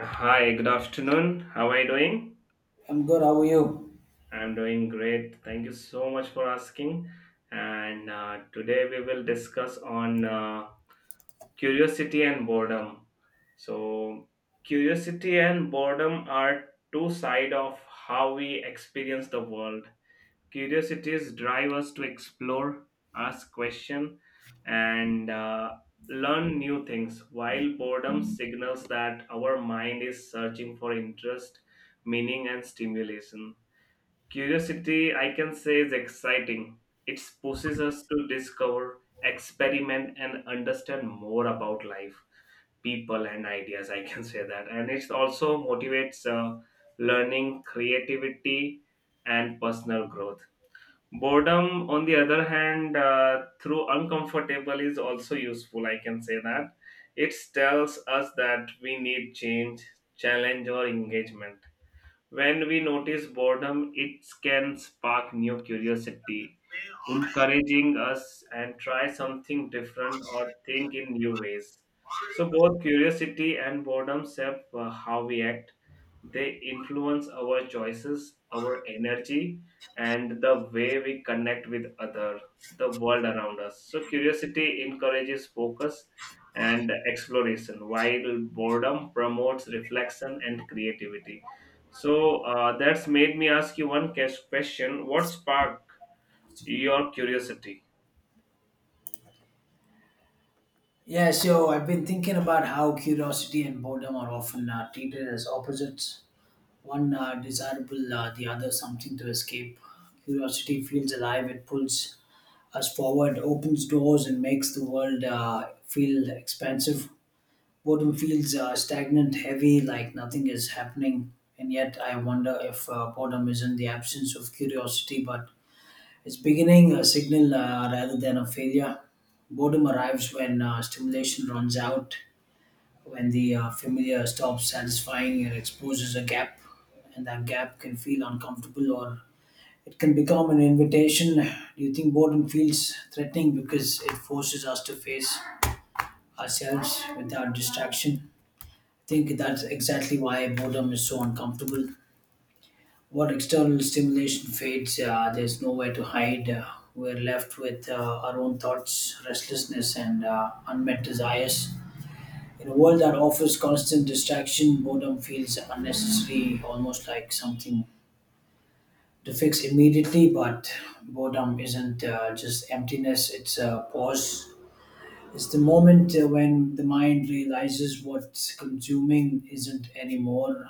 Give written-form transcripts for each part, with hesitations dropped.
Hi, good afternoon. How are you doing? I'm good. How are you? I'm doing great. Thank you so much for asking. And Today we will discuss on curiosity and boredom. So, Curiosity and boredom are two sides of how we experience the world. Curiosities drive us to explore, ask questions, and learn new things, while boredom signals that our mind is searching for interest, meaning, and stimulation. Curiosity, I can say, is exciting. It pushes us to discover, experiment, and understand more about life, people, and ideas, I can say that. And it also motivates learning, creativity, and personal growth. Boredom, on the other hand, through uncomfortable is also useful, I can say that. It tells us that we need change, challenge, or engagement. When we notice boredom, it can spark new curiosity, encouraging us and try something different or think in new ways. So both curiosity and boredom shape how we act. They influence our choices, our energy, and the way we connect with other, the world around us. So curiosity encourages focus and exploration, while boredom promotes reflection and creativity. So, that's made me ask you one question: what sparked your curiosity? Yeah, so I've been thinking about how curiosity and boredom are often treated as opposites. One desirable, the other something to escape. Curiosity feels alive, it pulls us forward, opens doors, and makes the world feel expansive. Boredom feels stagnant, heavy, like nothing is happening. And yet, I wonder if boredom isn't the absence of curiosity, but it's beginning a signal rather than a failure. Boredom arrives when stimulation runs out, when the familiar stops satisfying and exposes a gap, and that gap can feel uncomfortable or it can become an invitation. Do you think boredom feels threatening because it forces us to face ourselves without distraction? I think that's exactly why boredom is so uncomfortable. What external stimulation fades, there's nowhere to hide. We're left with our own thoughts, restlessness, and unmet desires. In a world that offers constant distraction, boredom feels unnecessary, almost like something to fix immediately. But boredom isn't just emptiness, it's a pause. It's the moment when the mind realizes what's consuming isn't anymore.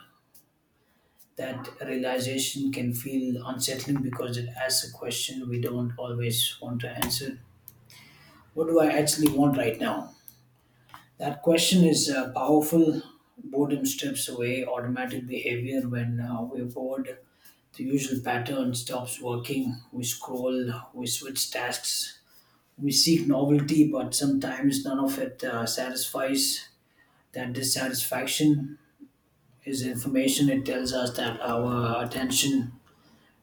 That realization can feel unsettling because it asks a question we don't always want to answer. What do I actually want right now? That question is powerful. Boredom strips away automatic behavior when we're bored. The usual pattern stops working. We scroll, we switch tasks, we seek novelty, but sometimes none of it satisfies. That dissatisfaction is information. It tells us that our attention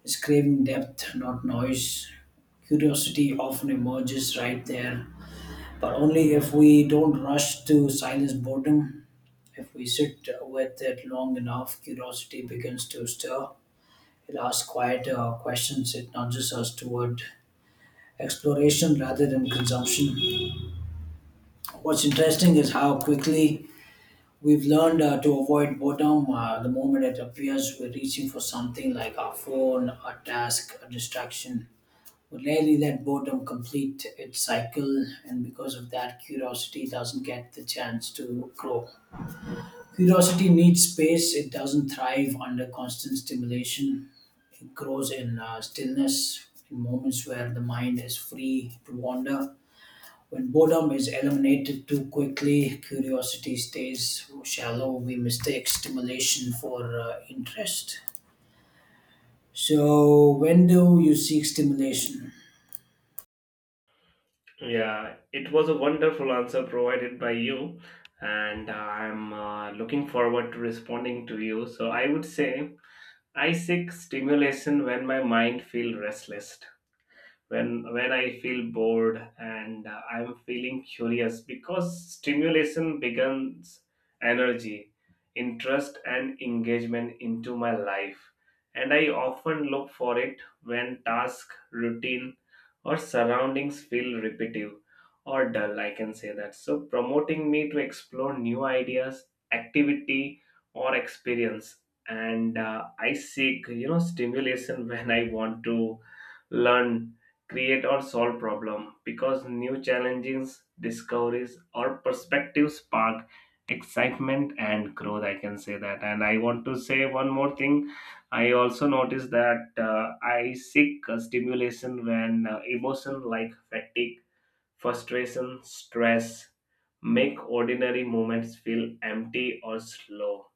is craving depth, not noise. Curiosity often emerges right there, but only if we don't rush to silence boredom. If we sit with it long enough, curiosity begins to stir. It asks quieter questions, it nudges us toward exploration rather than consumption. What's interesting is how quickly we've learned to avoid boredom. The moment it appears, we're reaching for something like our phone, a task, a distraction. We rarely let boredom complete its cycle, and because of that, curiosity doesn't get the chance to grow. Curiosity needs space, it doesn't thrive under constant stimulation. It grows in stillness, in moments where the mind is free to wander. When boredom is eliminated too quickly, curiosity stays shallow. We mistake stimulation for interest. So, when do you seek stimulation? Yeah, it was a wonderful answer provided by you, and I'm looking forward to responding to you. So I would say I seek stimulation when my mind feels restless, when I feel bored and I'm feeling curious, because stimulation becomes energy, interest, and engagement into my life. And I often look for it when task, routine, or surroundings feel repetitive or dull, I can say that. So promoting me to explore new ideas, activity, or experience. And I seek, you know, stimulation when I want to learn, create, or solve problem, because new challenges, discoveries, or perspectives spark excitement and growth, I can say that. And I want to say one more thing. I also noticed that I seek a stimulation when emotion like fatigue, frustration, stress make ordinary moments feel empty or slow,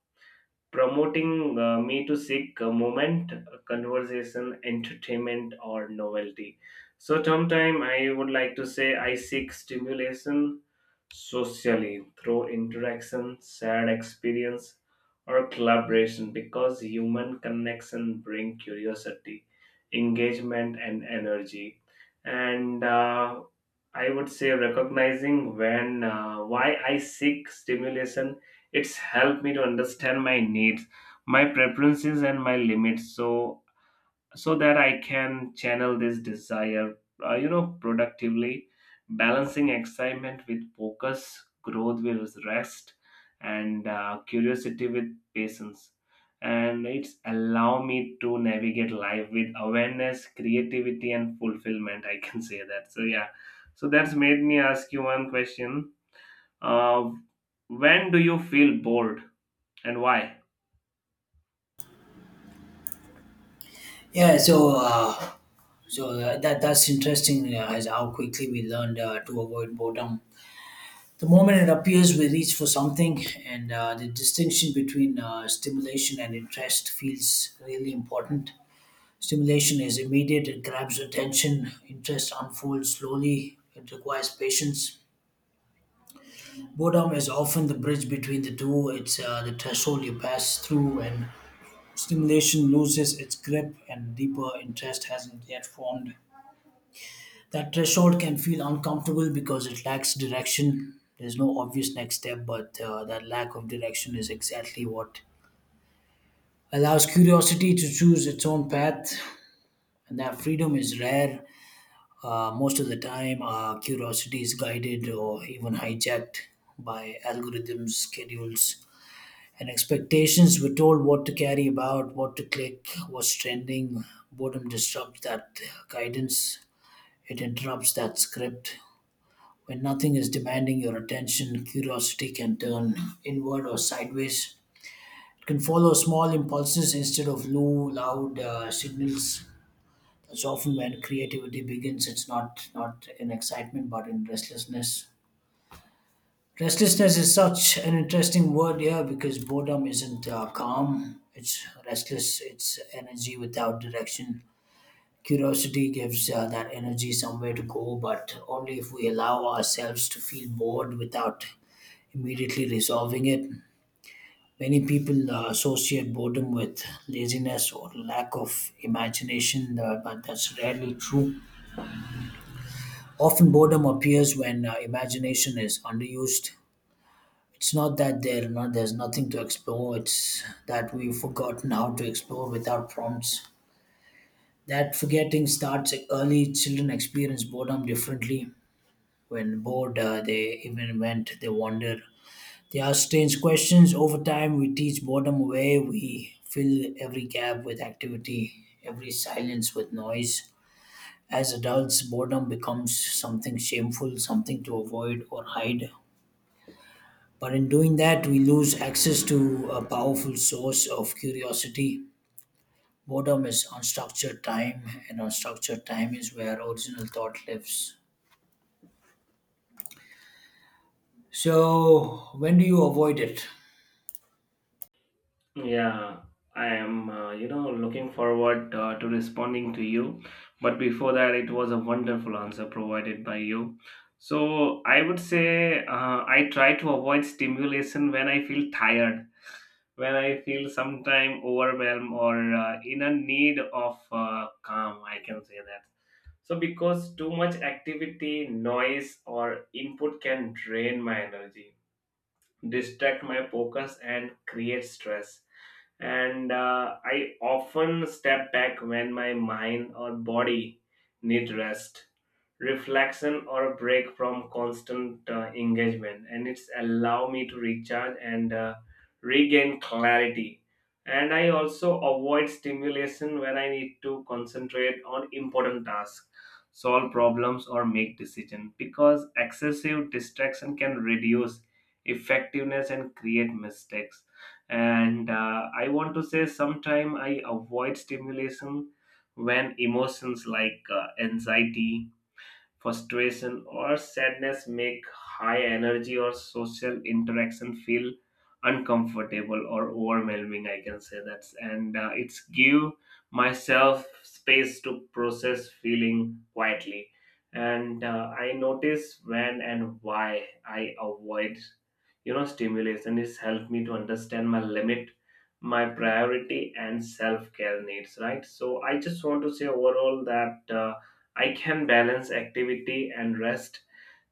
promoting me to seek a moment, a conversation, entertainment, or novelty. So, sometime I would like to say I seek stimulation socially through interaction, shared experience, or collaboration, because human connection bring curiosity, engagement, and energy. And I would say recognizing when why I seek stimulation, it's helped me to understand my needs, my preferences, and my limits. So that I can channel this desire, you know, productively, balancing excitement with focus, growth with rest, and curiosity with patience. And it's allow me to navigate life with awareness, creativity, and fulfillment, I can say that. So yeah, so that's made me ask you one question. Uh, when do you feel bored and why? Yeah, that's interesting as how quickly we learned to avoid boredom. The moment it appears, we reach for something, and the distinction between stimulation and interest feels really important. Stimulation is immediate, it grabs attention, interest unfolds slowly, it requires patience. Boredom is often the bridge between the two, it's the threshold you pass through, and stimulation loses its grip, and deeper interest hasn't yet formed. That threshold can feel uncomfortable because it lacks direction. There's no obvious next step, but that lack of direction is exactly what allows curiosity to choose its own path. And that freedom is rare. Most of the time, curiosity is guided or even hijacked by algorithms, schedules, and expectations. We're told what to carry about, what to click, what's trending. Boredom disrupts that guidance, it interrupts that script. When nothing is demanding your attention, curiosity can turn inward or sideways. It can follow small impulses instead of low, loud signals. That's often when creativity begins. It's not in excitement, but in restlessness. Restlessness is such an interesting word here because boredom isn't calm. It's restless. It's energy without direction. Curiosity gives that energy somewhere to go, but only if we allow ourselves to feel bored without immediately resolving it. Many people associate boredom with laziness or lack of imagination, but that's rarely true. Often, boredom appears when imagination is underused. It's not that there not, there's nothing to explore, it's that we've forgotten how to explore without prompts. That forgetting starts early. Children experience boredom differently. When bored, they wander. They ask strange questions. Over time, we teach boredom away. We fill every gap with activity, every silence with noise. As adults, boredom becomes something shameful, something to avoid or hide. But in doing that, we lose access to a powerful source of curiosity. Boredom is unstructured time, and unstructured time is where original thought lives. So, when do you avoid it? Yeah, I am, you know, looking forward to responding to you. But before that, it was a wonderful answer provided by you. So I would say I try to avoid stimulation when I feel tired, when I feel sometime overwhelmed or in a need of calm, I can say that. So because too much activity, noise, or input can drain my energy, distract my focus, and create stress. And I often step back when my mind or body need rest, reflection, or a break from constant engagement, and it's allow me to recharge and regain clarity. And I also avoid stimulation when I need to concentrate on important tasks, solve problems, or make decisions, because excessive distraction can reduce effectiveness and create mistakes. And I want to say sometime I avoid stimulation when emotions like anxiety, frustration, or sadness make high energy or social interaction feel uncomfortable or overwhelming, I can say that. And it's give myself space to process feeling quietly. And I notice when and why I avoid, you know, stimulation. It's helped me to understand my limit, my priority, and self care needs, right? So I just want to say overall that I can balance activity and rest,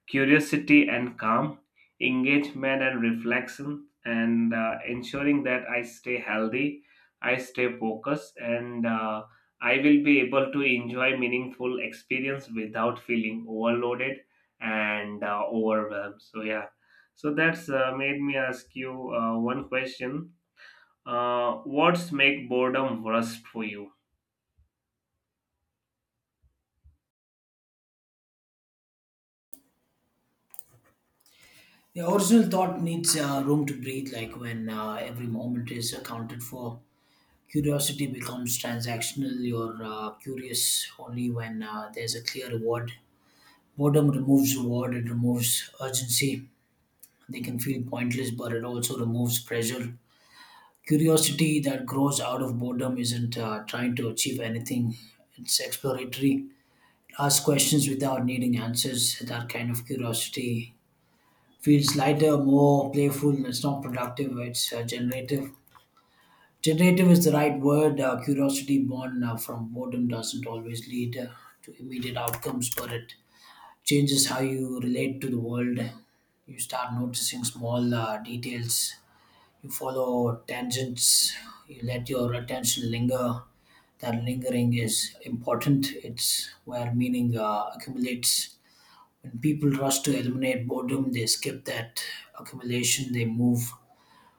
curiosity and calm, engagement and reflection, and ensuring that I stay healthy, I stay focused, and I will be able to enjoy meaningful experience without feeling overloaded and overwhelmed. So yeah, so that's made me ask you one question. What's make boredom worst for you? The original thought needs room to breathe, like when every moment is accounted for. Curiosity becomes transactional. You're curious only when there's a clear reward. Boredom removes reward, it removes urgency. They can feel pointless, but it also removes pressure. Curiosity that grows out of boredom isn't trying to achieve anything, it's exploratory. Ask questions without needing answers. That kind of curiosity feels lighter, more playful. It's not productive. It's generative. Generative is the right word. Curiosity born from boredom doesn't always lead to immediate outcomes, but it changes how you relate to the world. You start noticing small details. You follow tangents. You let your attention linger. That lingering is important. It's where meaning accumulates when people rush to eliminate boredom, they skip that accumulation. They move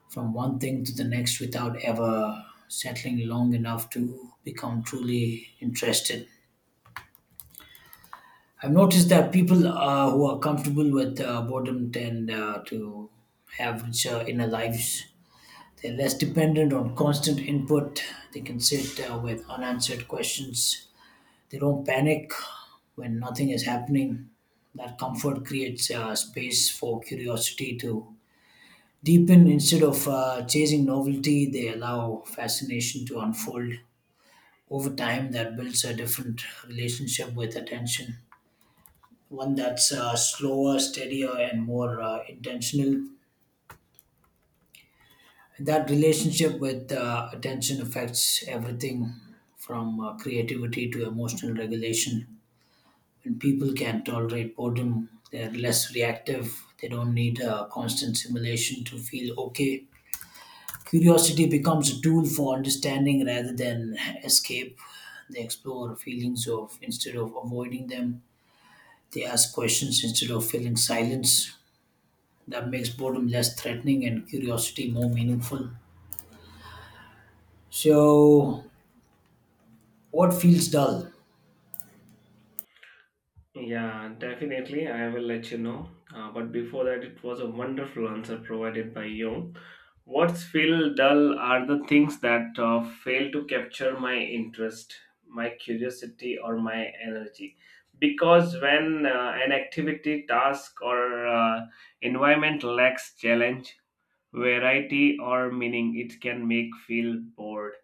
from one thing to the next without ever settling long enough to become truly interested. I've noticed that people who are comfortable with boredom tend to have richer inner lives. They're less dependent on constant input. They can sit with unanswered questions. They don't panic when nothing is happening. That comfort creates space for curiosity to deepen instead of chasing novelty. They allow fascination to unfold. Over time, that builds a different relationship with attention, one that's slower, steadier, and more intentional. That relationship with attention affects everything from creativity to emotional regulation when people can tolerate boredom, they're less reactive, they don't need a constant stimulation to feel okay. Curiosity becomes a tool for understanding rather than escape. They explore feelings of instead of avoiding them. They ask questions instead of filling silence. That makes boredom less threatening and curiosity more meaningful. So, what feels dull? Yeah, definitely, I will let you know. But before that, it was a wonderful answer provided by you. What's feel dull are the things that fail to capture my interest, my curiosity, or my energy. Because when an activity, task, or environment lacks challenge, variety, or meaning, it can make feel bored,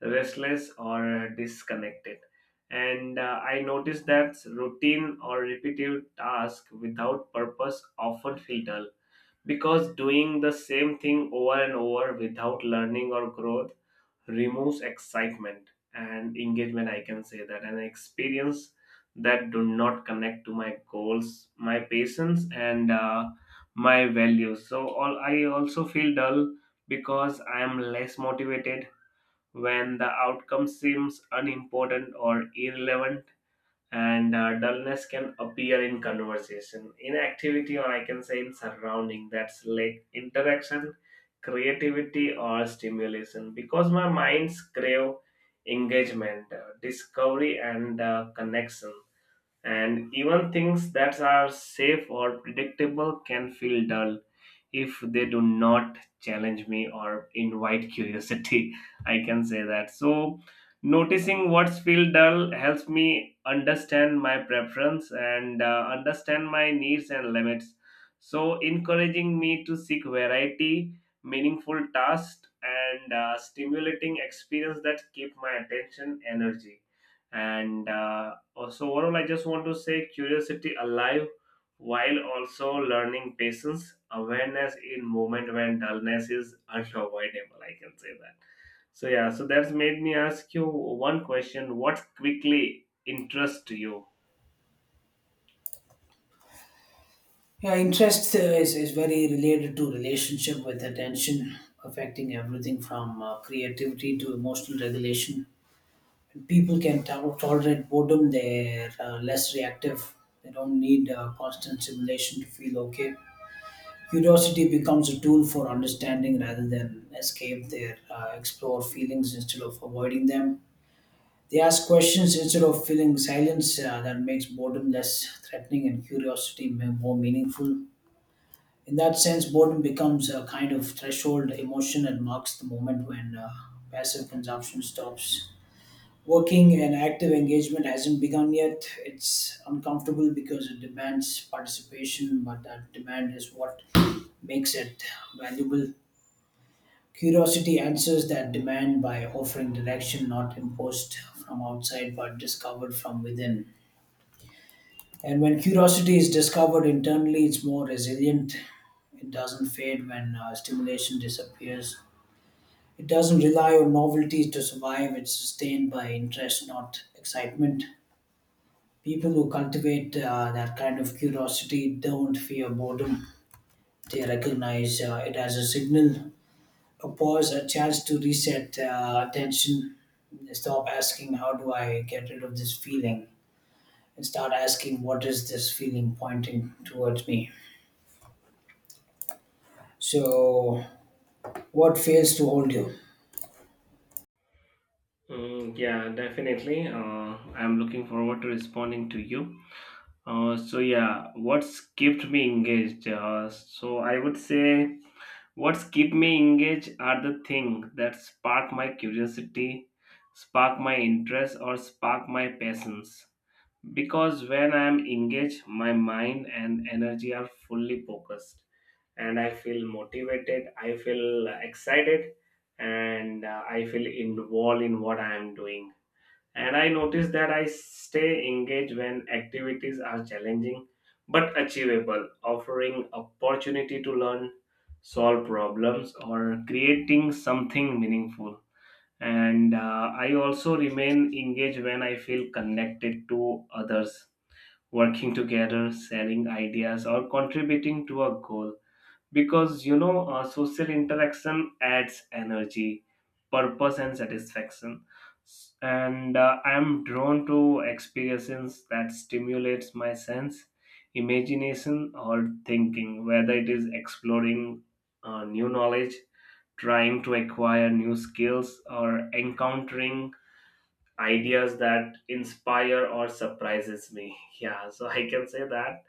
restless, or disconnected. And I noticed that routine or repetitive tasks without purpose often feel dull, because doing the same thing over and over without learning or growth removes excitement and engagement, I can say that. An experience that do not connect to my goals, my patience, and my values, so all I also feel dull because I am less motivated when the outcome seems unimportant or irrelevant. And dullness can appear in conversation, in activity, or I can say in surrounding that's like interaction, creativity, or stimulation, because my minds crave engagement, discovery, and connection. And even things that are safe or predictable can feel dull if they do not challenge me or invite curiosity I can say that. So noticing what's feel dull helps me understand my preference and understand my needs and limits, so encouraging me to seek variety, meaningful tasks, and stimulating experience that keep my attention, energy, and also overall, I just want to say curiosity alive, while also learning patience, awareness in moment when dullness is unavoidable, I can say that. So yeah, so that's made me ask you one question: what quickly interests you? Yeah, interest is very related to relationship with attention, affecting everything from creativity to emotional regulation. When people can tolerate boredom, they're less reactive. They don't need constant stimulation to feel okay. Curiosity becomes a tool for understanding rather than escape. They explore feelings instead of avoiding them. They ask questions instead of feeling silence. That makes boredom less threatening and curiosity more meaningful. In that sense, boredom becomes a kind of threshold emotion and marks the moment when passive consumption stops. Working and active engagement hasn't begun yet. It's uncomfortable because it demands participation, but that demand is what makes it valuable. Curiosity answers that demand by offering direction not imposed from outside but discovered from within. And when curiosity is discovered internally, it's more resilient. It doesn't fade when stimulation disappears. It doesn't rely on novelty to survive. It's sustained by interest, not excitement. People who cultivate that kind of curiosity don't fear boredom. They recognize it as a signal, a pause, a chance to reset attention. They stop asking, "How do I get rid of this feeling?" and start asking, "What is this feeling pointing towards me?" So, what fails to hold you? Mm, yeah, definitely. I'm looking forward to responding to you. So yeah, what's kept me engaged? So I would say what's kept me engaged are the things that spark my curiosity, spark my interest, or spark my passions. Because when I am engaged, my mind and energy are fully focused, and I feel motivated, I feel excited, and I feel involved in what I am doing. And I notice that I stay engaged when activities are challenging but achievable, offering opportunity to learn, solve problems, or creating something meaningful. And I also remain engaged when I feel connected to others, working together, sharing ideas, or contributing to a goal. Because you know, social interaction adds energy, purpose, and satisfaction. And I'm drawn to experiences that stimulates my sense, imagination, or thinking, whether it is exploring new knowledge, trying to acquire new skills, or encountering ideas that inspire or surprises me. Yeah, so I can say that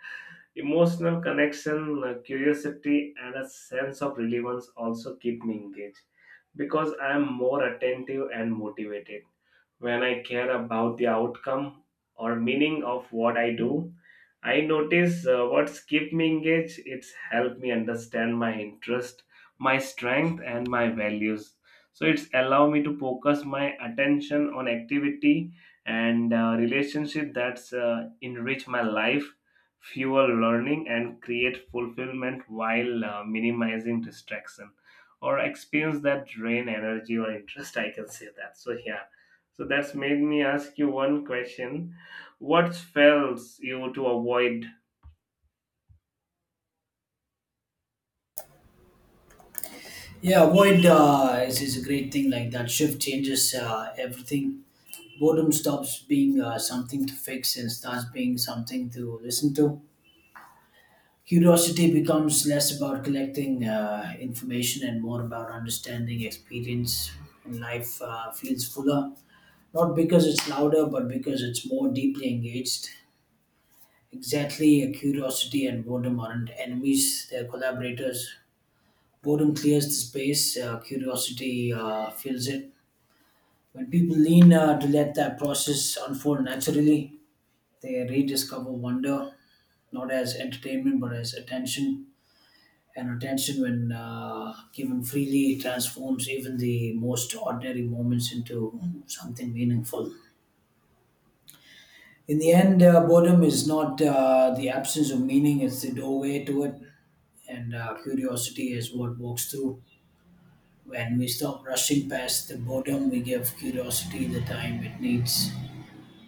emotional connection, curiosity, and a sense of relevance also keep me engaged, because I am more attentive and motivated. When I care about the outcome or meaning of what I do, I notice what's keep me engaged. It's helped me understand my interest, my strength, and my values. So it's allow me to focus my attention on activity and relationship that's enrich my life, fuel learning, and create fulfillment, while minimizing distraction or experience that drain energy or interest, I can say that. So yeah, so that's made me ask you one question: what fails you to avoid? Yeah, void is a great thing like that. Shift changes everything. Boredom stops being something to fix and starts being something to listen to. Curiosity becomes less about collecting information and more about understanding experience, and life feels fuller. Not because it's louder, but because it's more deeply engaged. Exactly, curiosity and boredom aren't enemies, they're collaborators. Boredom clears the space, curiosity fills it. When people lean to let that process unfold naturally, they rediscover wonder, not as entertainment but as attention. And attention, when given freely, transforms even the most ordinary moments into something meaningful. In the end, boredom is not the absence of meaning, it's the doorway to it, and curiosity is what walks through. When we stop rushing past the boredom, we give curiosity the time it needs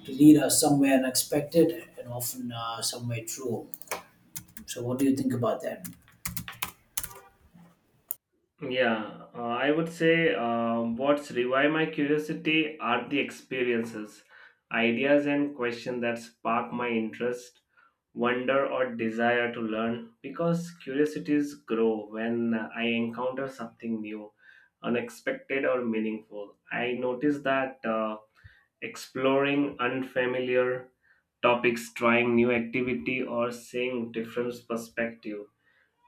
to lead us somewhere unexpected and often somewhere true. So, what do you think about that? Yeah, I would say what's revive my curiosity are the experiences, ideas, and questions that spark my interest, wonder, or desire to learn. Because curiosities grow when I encounter something new, unexpected, or meaningful. I notice that exploring unfamiliar topics, trying new activity, or seeing different perspective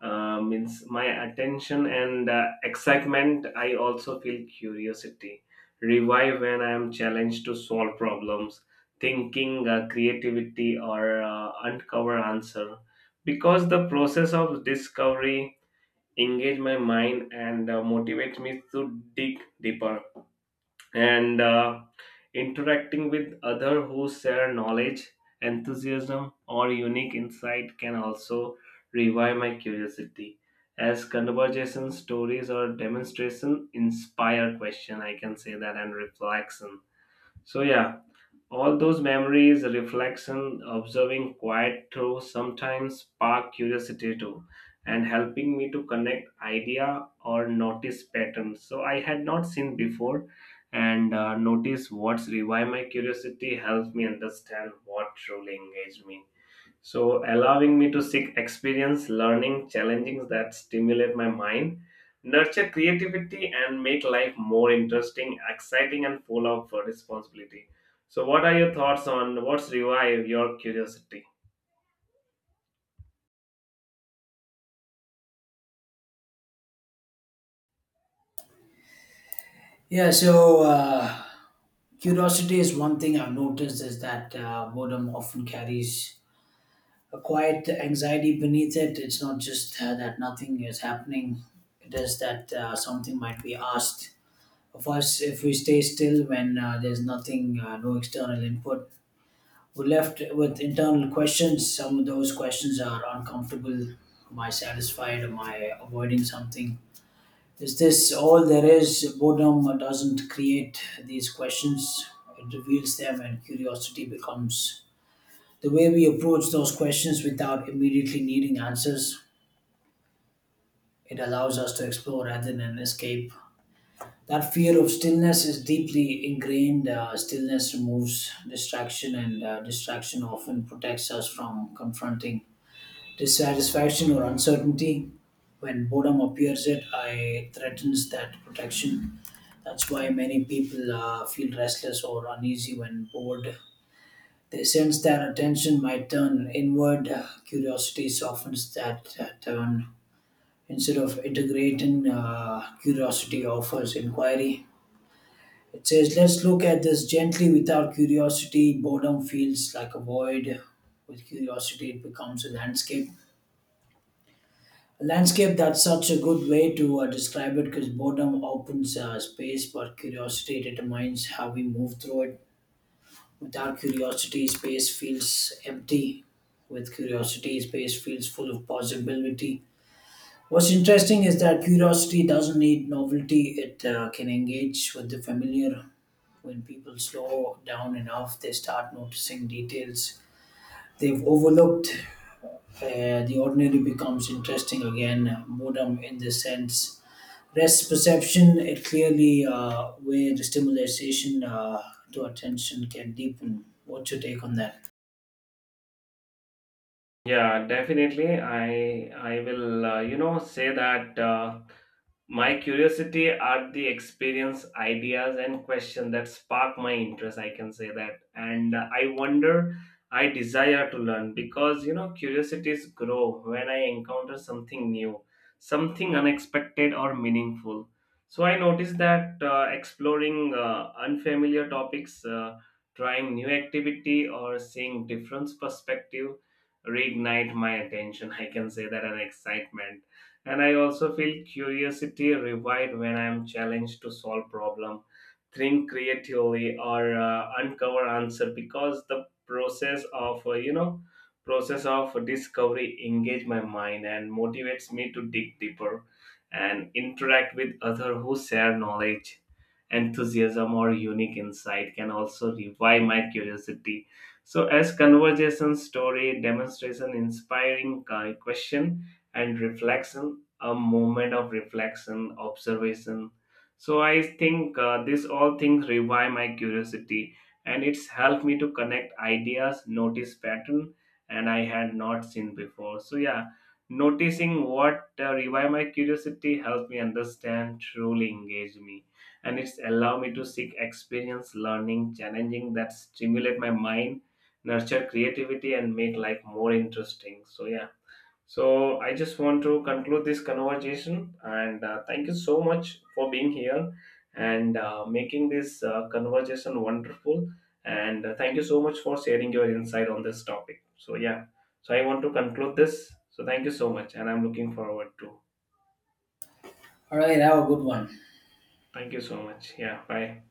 Means my attention and excitement. I also feel curiosity revive when I am challenged to solve problems, thinking creativity, or uncover answer, because the process of discovery engage my mind and motivates me to dig deeper. And. Interacting with others who share knowledge, enthusiasm, or unique insight can also revive my curiosity, as conversation, stories, or demonstration inspire question, I can say that, and reflection. So yeah, all those memories, reflection, observing quiet through sometimes spark curiosity too, and helping me to connect idea or notice patterns. So I had not seen before, and notice what's revive my curiosity helps me understand what truly engaged me. So, allowing me to seek experience, learning, challenges that stimulate my mind, nurture creativity, and make life more interesting, exciting, and full of responsibility. So, what are your thoughts on what's revive your curiosity? Yeah, curiosity is one thing I've noticed is that boredom often carries a quiet anxiety beneath it. It's not just that nothing is happening, it is that something might be asked of us if we stay still when there's nothing, no external input. We're left with internal questions. Some of those questions are uncomfortable. Am I satisfied? Am I avoiding something? Is this all there is? Boredom doesn't create these questions, it reveals them, and curiosity becomes the way we approach those questions without immediately needing answers. It allows us to explore rather than escape. That fear of stillness is deeply ingrained. Stillness removes distraction, and distraction often protects us from confronting dissatisfaction or uncertainty when boredom appears it I threatens that protection. That's why many people feel restless or uneasy when bored. They sense that attention might turn inward. Curiosity softens that turn. Instead of integrating curiosity offers inquiry. It says let's look at this gently. Without curiosity, boredom feels like a void. With curiosity, it becomes a landscape. Landscape, that's such a good way to describe it because boredom opens space, but curiosity determines how we move through it. Without curiosity, space feels empty. With curiosity, space feels full of possibility. What's interesting is that curiosity doesn't need novelty, it can engage with the familiar. When people slow down enough, they start noticing details they've overlooked. The ordinary becomes interesting again, boredom in this sense. Rest perception, it clearly where the stimulation to attention can deepen. What's your take on that? Yeah, definitely. I will you know say that. My curiosity are the experience, ideas, and questions that spark my interest, I can say that. And I wonder, I desire to learn, because you know curiosities grow when I encounter something new, something unexpected or meaningful. So I notice that exploring unfamiliar topics, trying new activity, or seeing different perspective reignite my attention. I can say that an excitement. And I also feel curiosity revived when I'm challenged to solve problem, think creatively, or uncover answer, because the process of discovery engage my mind and motivates me to dig deeper. And interact with other who share knowledge, enthusiasm, or unique insight can also revive my curiosity. So as conversation, story, demonstration inspiring question and reflection, a moment of reflection, observation. So I think these all things revive my curiosity, and it's helped me to connect ideas, notice pattern, and I had not seen before. So yeah, noticing what revive my curiosity helped me understand, truly engage me, and it's allow me to seek experience, learning, challenging that stimulate my mind, nurture creativity, and make life more interesting. So yeah, so I just want to conclude this conversation, and thank you so much for being here and making this conversation wonderful. And thank you so much for sharing your insight on this topic. So yeah, so I want to conclude this. So thank you so much, and I'm looking forward to. All right, have a good one. Thank you so much. Yeah, bye.